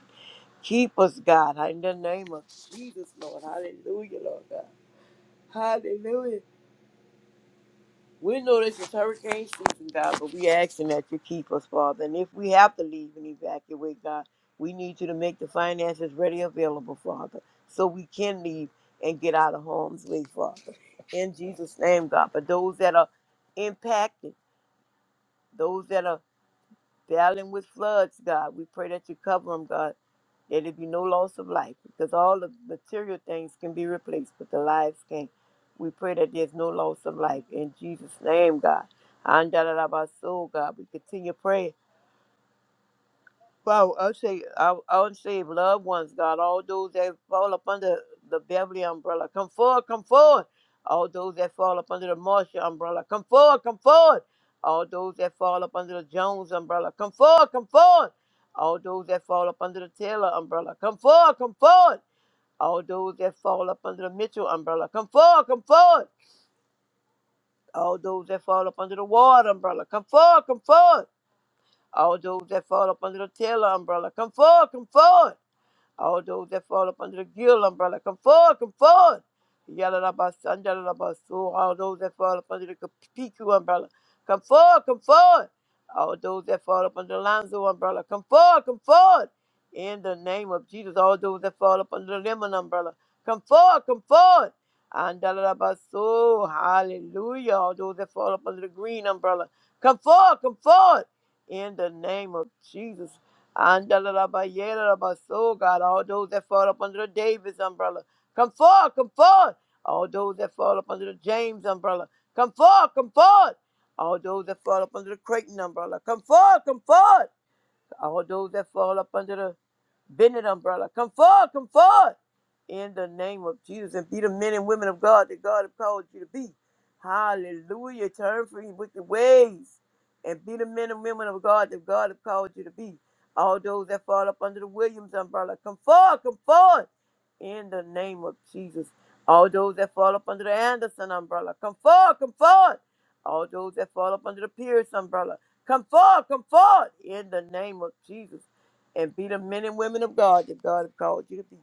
Speaker 3: Keep us, God, in the name of Jesus, Lord. Hallelujah, Lord God. Hallelujah. We know this is hurricane season, God, but we asking that you keep us, Father. And if we have to leave and evacuate, God, we need you to make the finances ready available, Father, so we can leave and get out of harm's way, Father. In Jesus' name, God. For those that are impacted, those that are battling with floods, God. We pray that you cover them, God, that it be no loss of life, because all the material things can be replaced, but the lives can't. We pray that there's no loss of life. In Jesus' name, God. Andalalabaso, God. We continue praying. Well, I say, I, I would say, loved ones, God, all those that fall up under the Beverly umbrella, come forward, come forward. All those that fall up under the Marshall umbrella, come forward, come forward. All those that fall up under the Jones umbrella, come forward, come forward. All those that fall up under the Taylor umbrella, come forward, come forward. All those that fall up under the Mitchell umbrella, come forward, come forward. All those that fall up under the Ward umbrella, come forward, come forward. All those that fall up under the Taylor umbrella, come forward, come forward. All those that fall up under the guild umbrella, come forward, come forward. Yalalabasan, yalalabasu. All those that fall up under the PQ umbrella, come forward, come forward. All those that fall up under the Lonzo umbrella, come forward, come forward. In the name of Jesus, all those that fall up under the Lemon umbrella, come forward, come forward. And yalalabasu. Hallelujah. All those that fall up under the Green umbrella, come forward, come forward. In the name of Jesus. Andalalabayelalabaso, God, all those that fall up under the Davis umbrella, come forth, come forth. All those that fall up under the James umbrella, come forth, come forth. All those that fall up under the Creighton umbrella, come forth, come forth. All those that fall up under the Bended umbrella. Come forward, come forward. In the name of Jesus. And be the men and women of God that God has called you to be. Hallelujah. Turn from your wicked ways. And be the men and women of God that God has called you to be. All those that fall up under the Williams umbrella. Come forward, come forward. In the name of Jesus. All those that fall up under the Anderson umbrella. Come forward, come forward. All those that fall up under the Pierce umbrella. Come forward, come forward. In the name of Jesus and be the men and women of God that God has called you to be.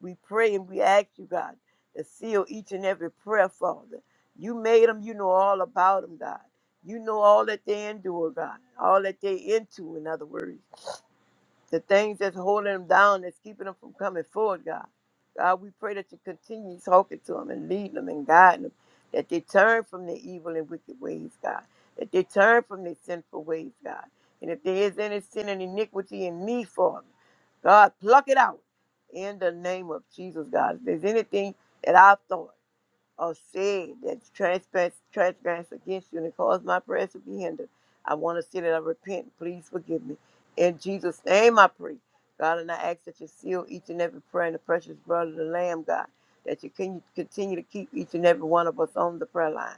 Speaker 3: We pray and we ask you, God, to seal each and every prayer, Father. You made them, you know all about them, God. You know all that they endure, God, all that they into, in other words the things that's holding them down, that's keeping them from coming forward, God. God, we pray that you continue talking to them and leading them and guiding them, that they turn from their evil and wicked ways, God, that they turn from their sinful ways, God. And if there is any sin and iniquity in me, Father, God, pluck it out in the name of Jesus, God. If there's anything that I've thought, or said that transgress, transgress against you and cause my prayers to be hindered. I want to say that I repent. Please forgive me. In Jesus' name I pray. God, and I ask that you seal each and every prayer in the precious blood of the Lamb, God, that you can continue to keep each and every one of us on the prayer line,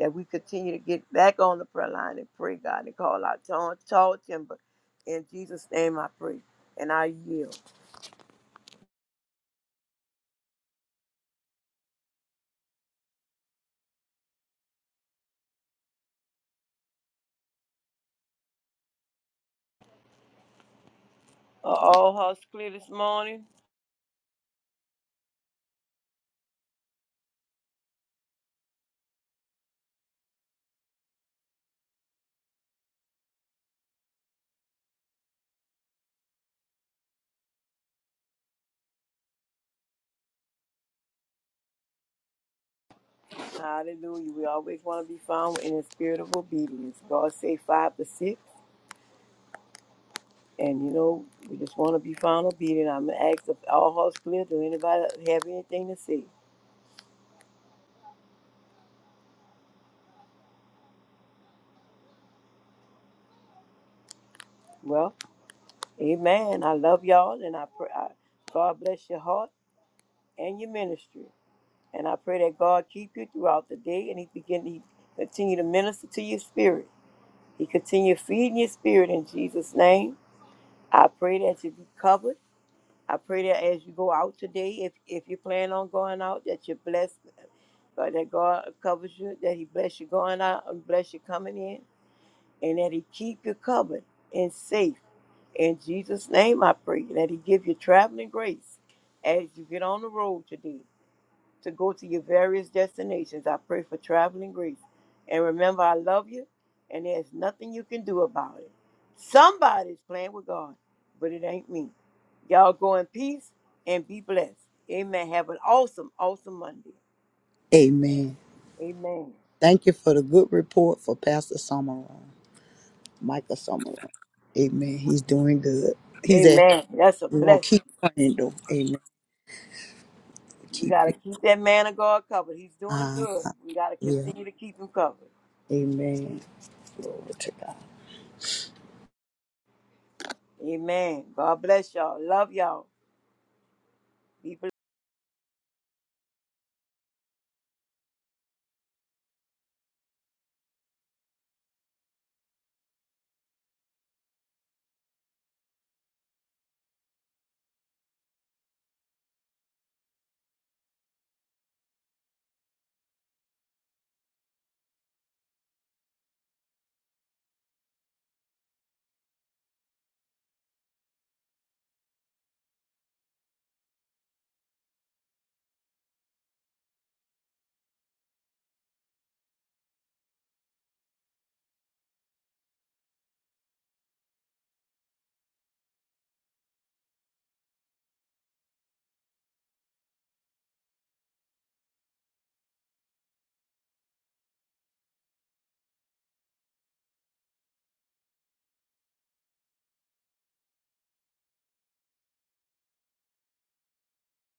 Speaker 3: that we continue to get back on the prayer line and pray, God, and call out tall, tall timber. In Jesus' name I pray, and I yield. Are all hearts clear this morning? Hallelujah. We always want to be found in the spirit of obedience. God say five to six. And you know, we just want to be found obedient. I'm gonna ask if all hearts clear. Do anybody have anything to say? Well, amen. I love y'all and I pray I, God bless your heart and your ministry. And I pray that God keep you throughout the day and He begin He continue to minister to your spirit. He continue feeding your spirit in Jesus' name. I pray that you be covered I pray that as you go out today, if if you plan on going out, that you're blessed, but that God covers you, that He bless you going out and bless you coming in, and that He keep you covered and safe. In Jesus' name, I pray that He give you traveling grace as you get on the road today to go to your various destinations. I pray for traveling grace. And remember, I love you, and there's nothing you can do about it. Somebody's playing with God, but it ain't me. Y'all go in peace and be blessed. Amen. Have an awesome, awesome Monday.
Speaker 2: Amen.
Speaker 3: Amen.
Speaker 2: Thank you for the good report for Pastor Summerall, Michael Summerall. Amen. He's doing good. He's at.
Speaker 3: Amen. That's a
Speaker 2: We will not
Speaker 3: blessing.
Speaker 2: keep praying though. Amen.
Speaker 3: We
Speaker 2: Keep
Speaker 3: got to keep that man of God covered. He's doing
Speaker 2: it.
Speaker 3: good. We got to
Speaker 2: Yeah.
Speaker 3: continue to keep him covered.
Speaker 2: Amen. Glory to God.
Speaker 3: Amen. God bless y'all. Love y'all. Be blessed.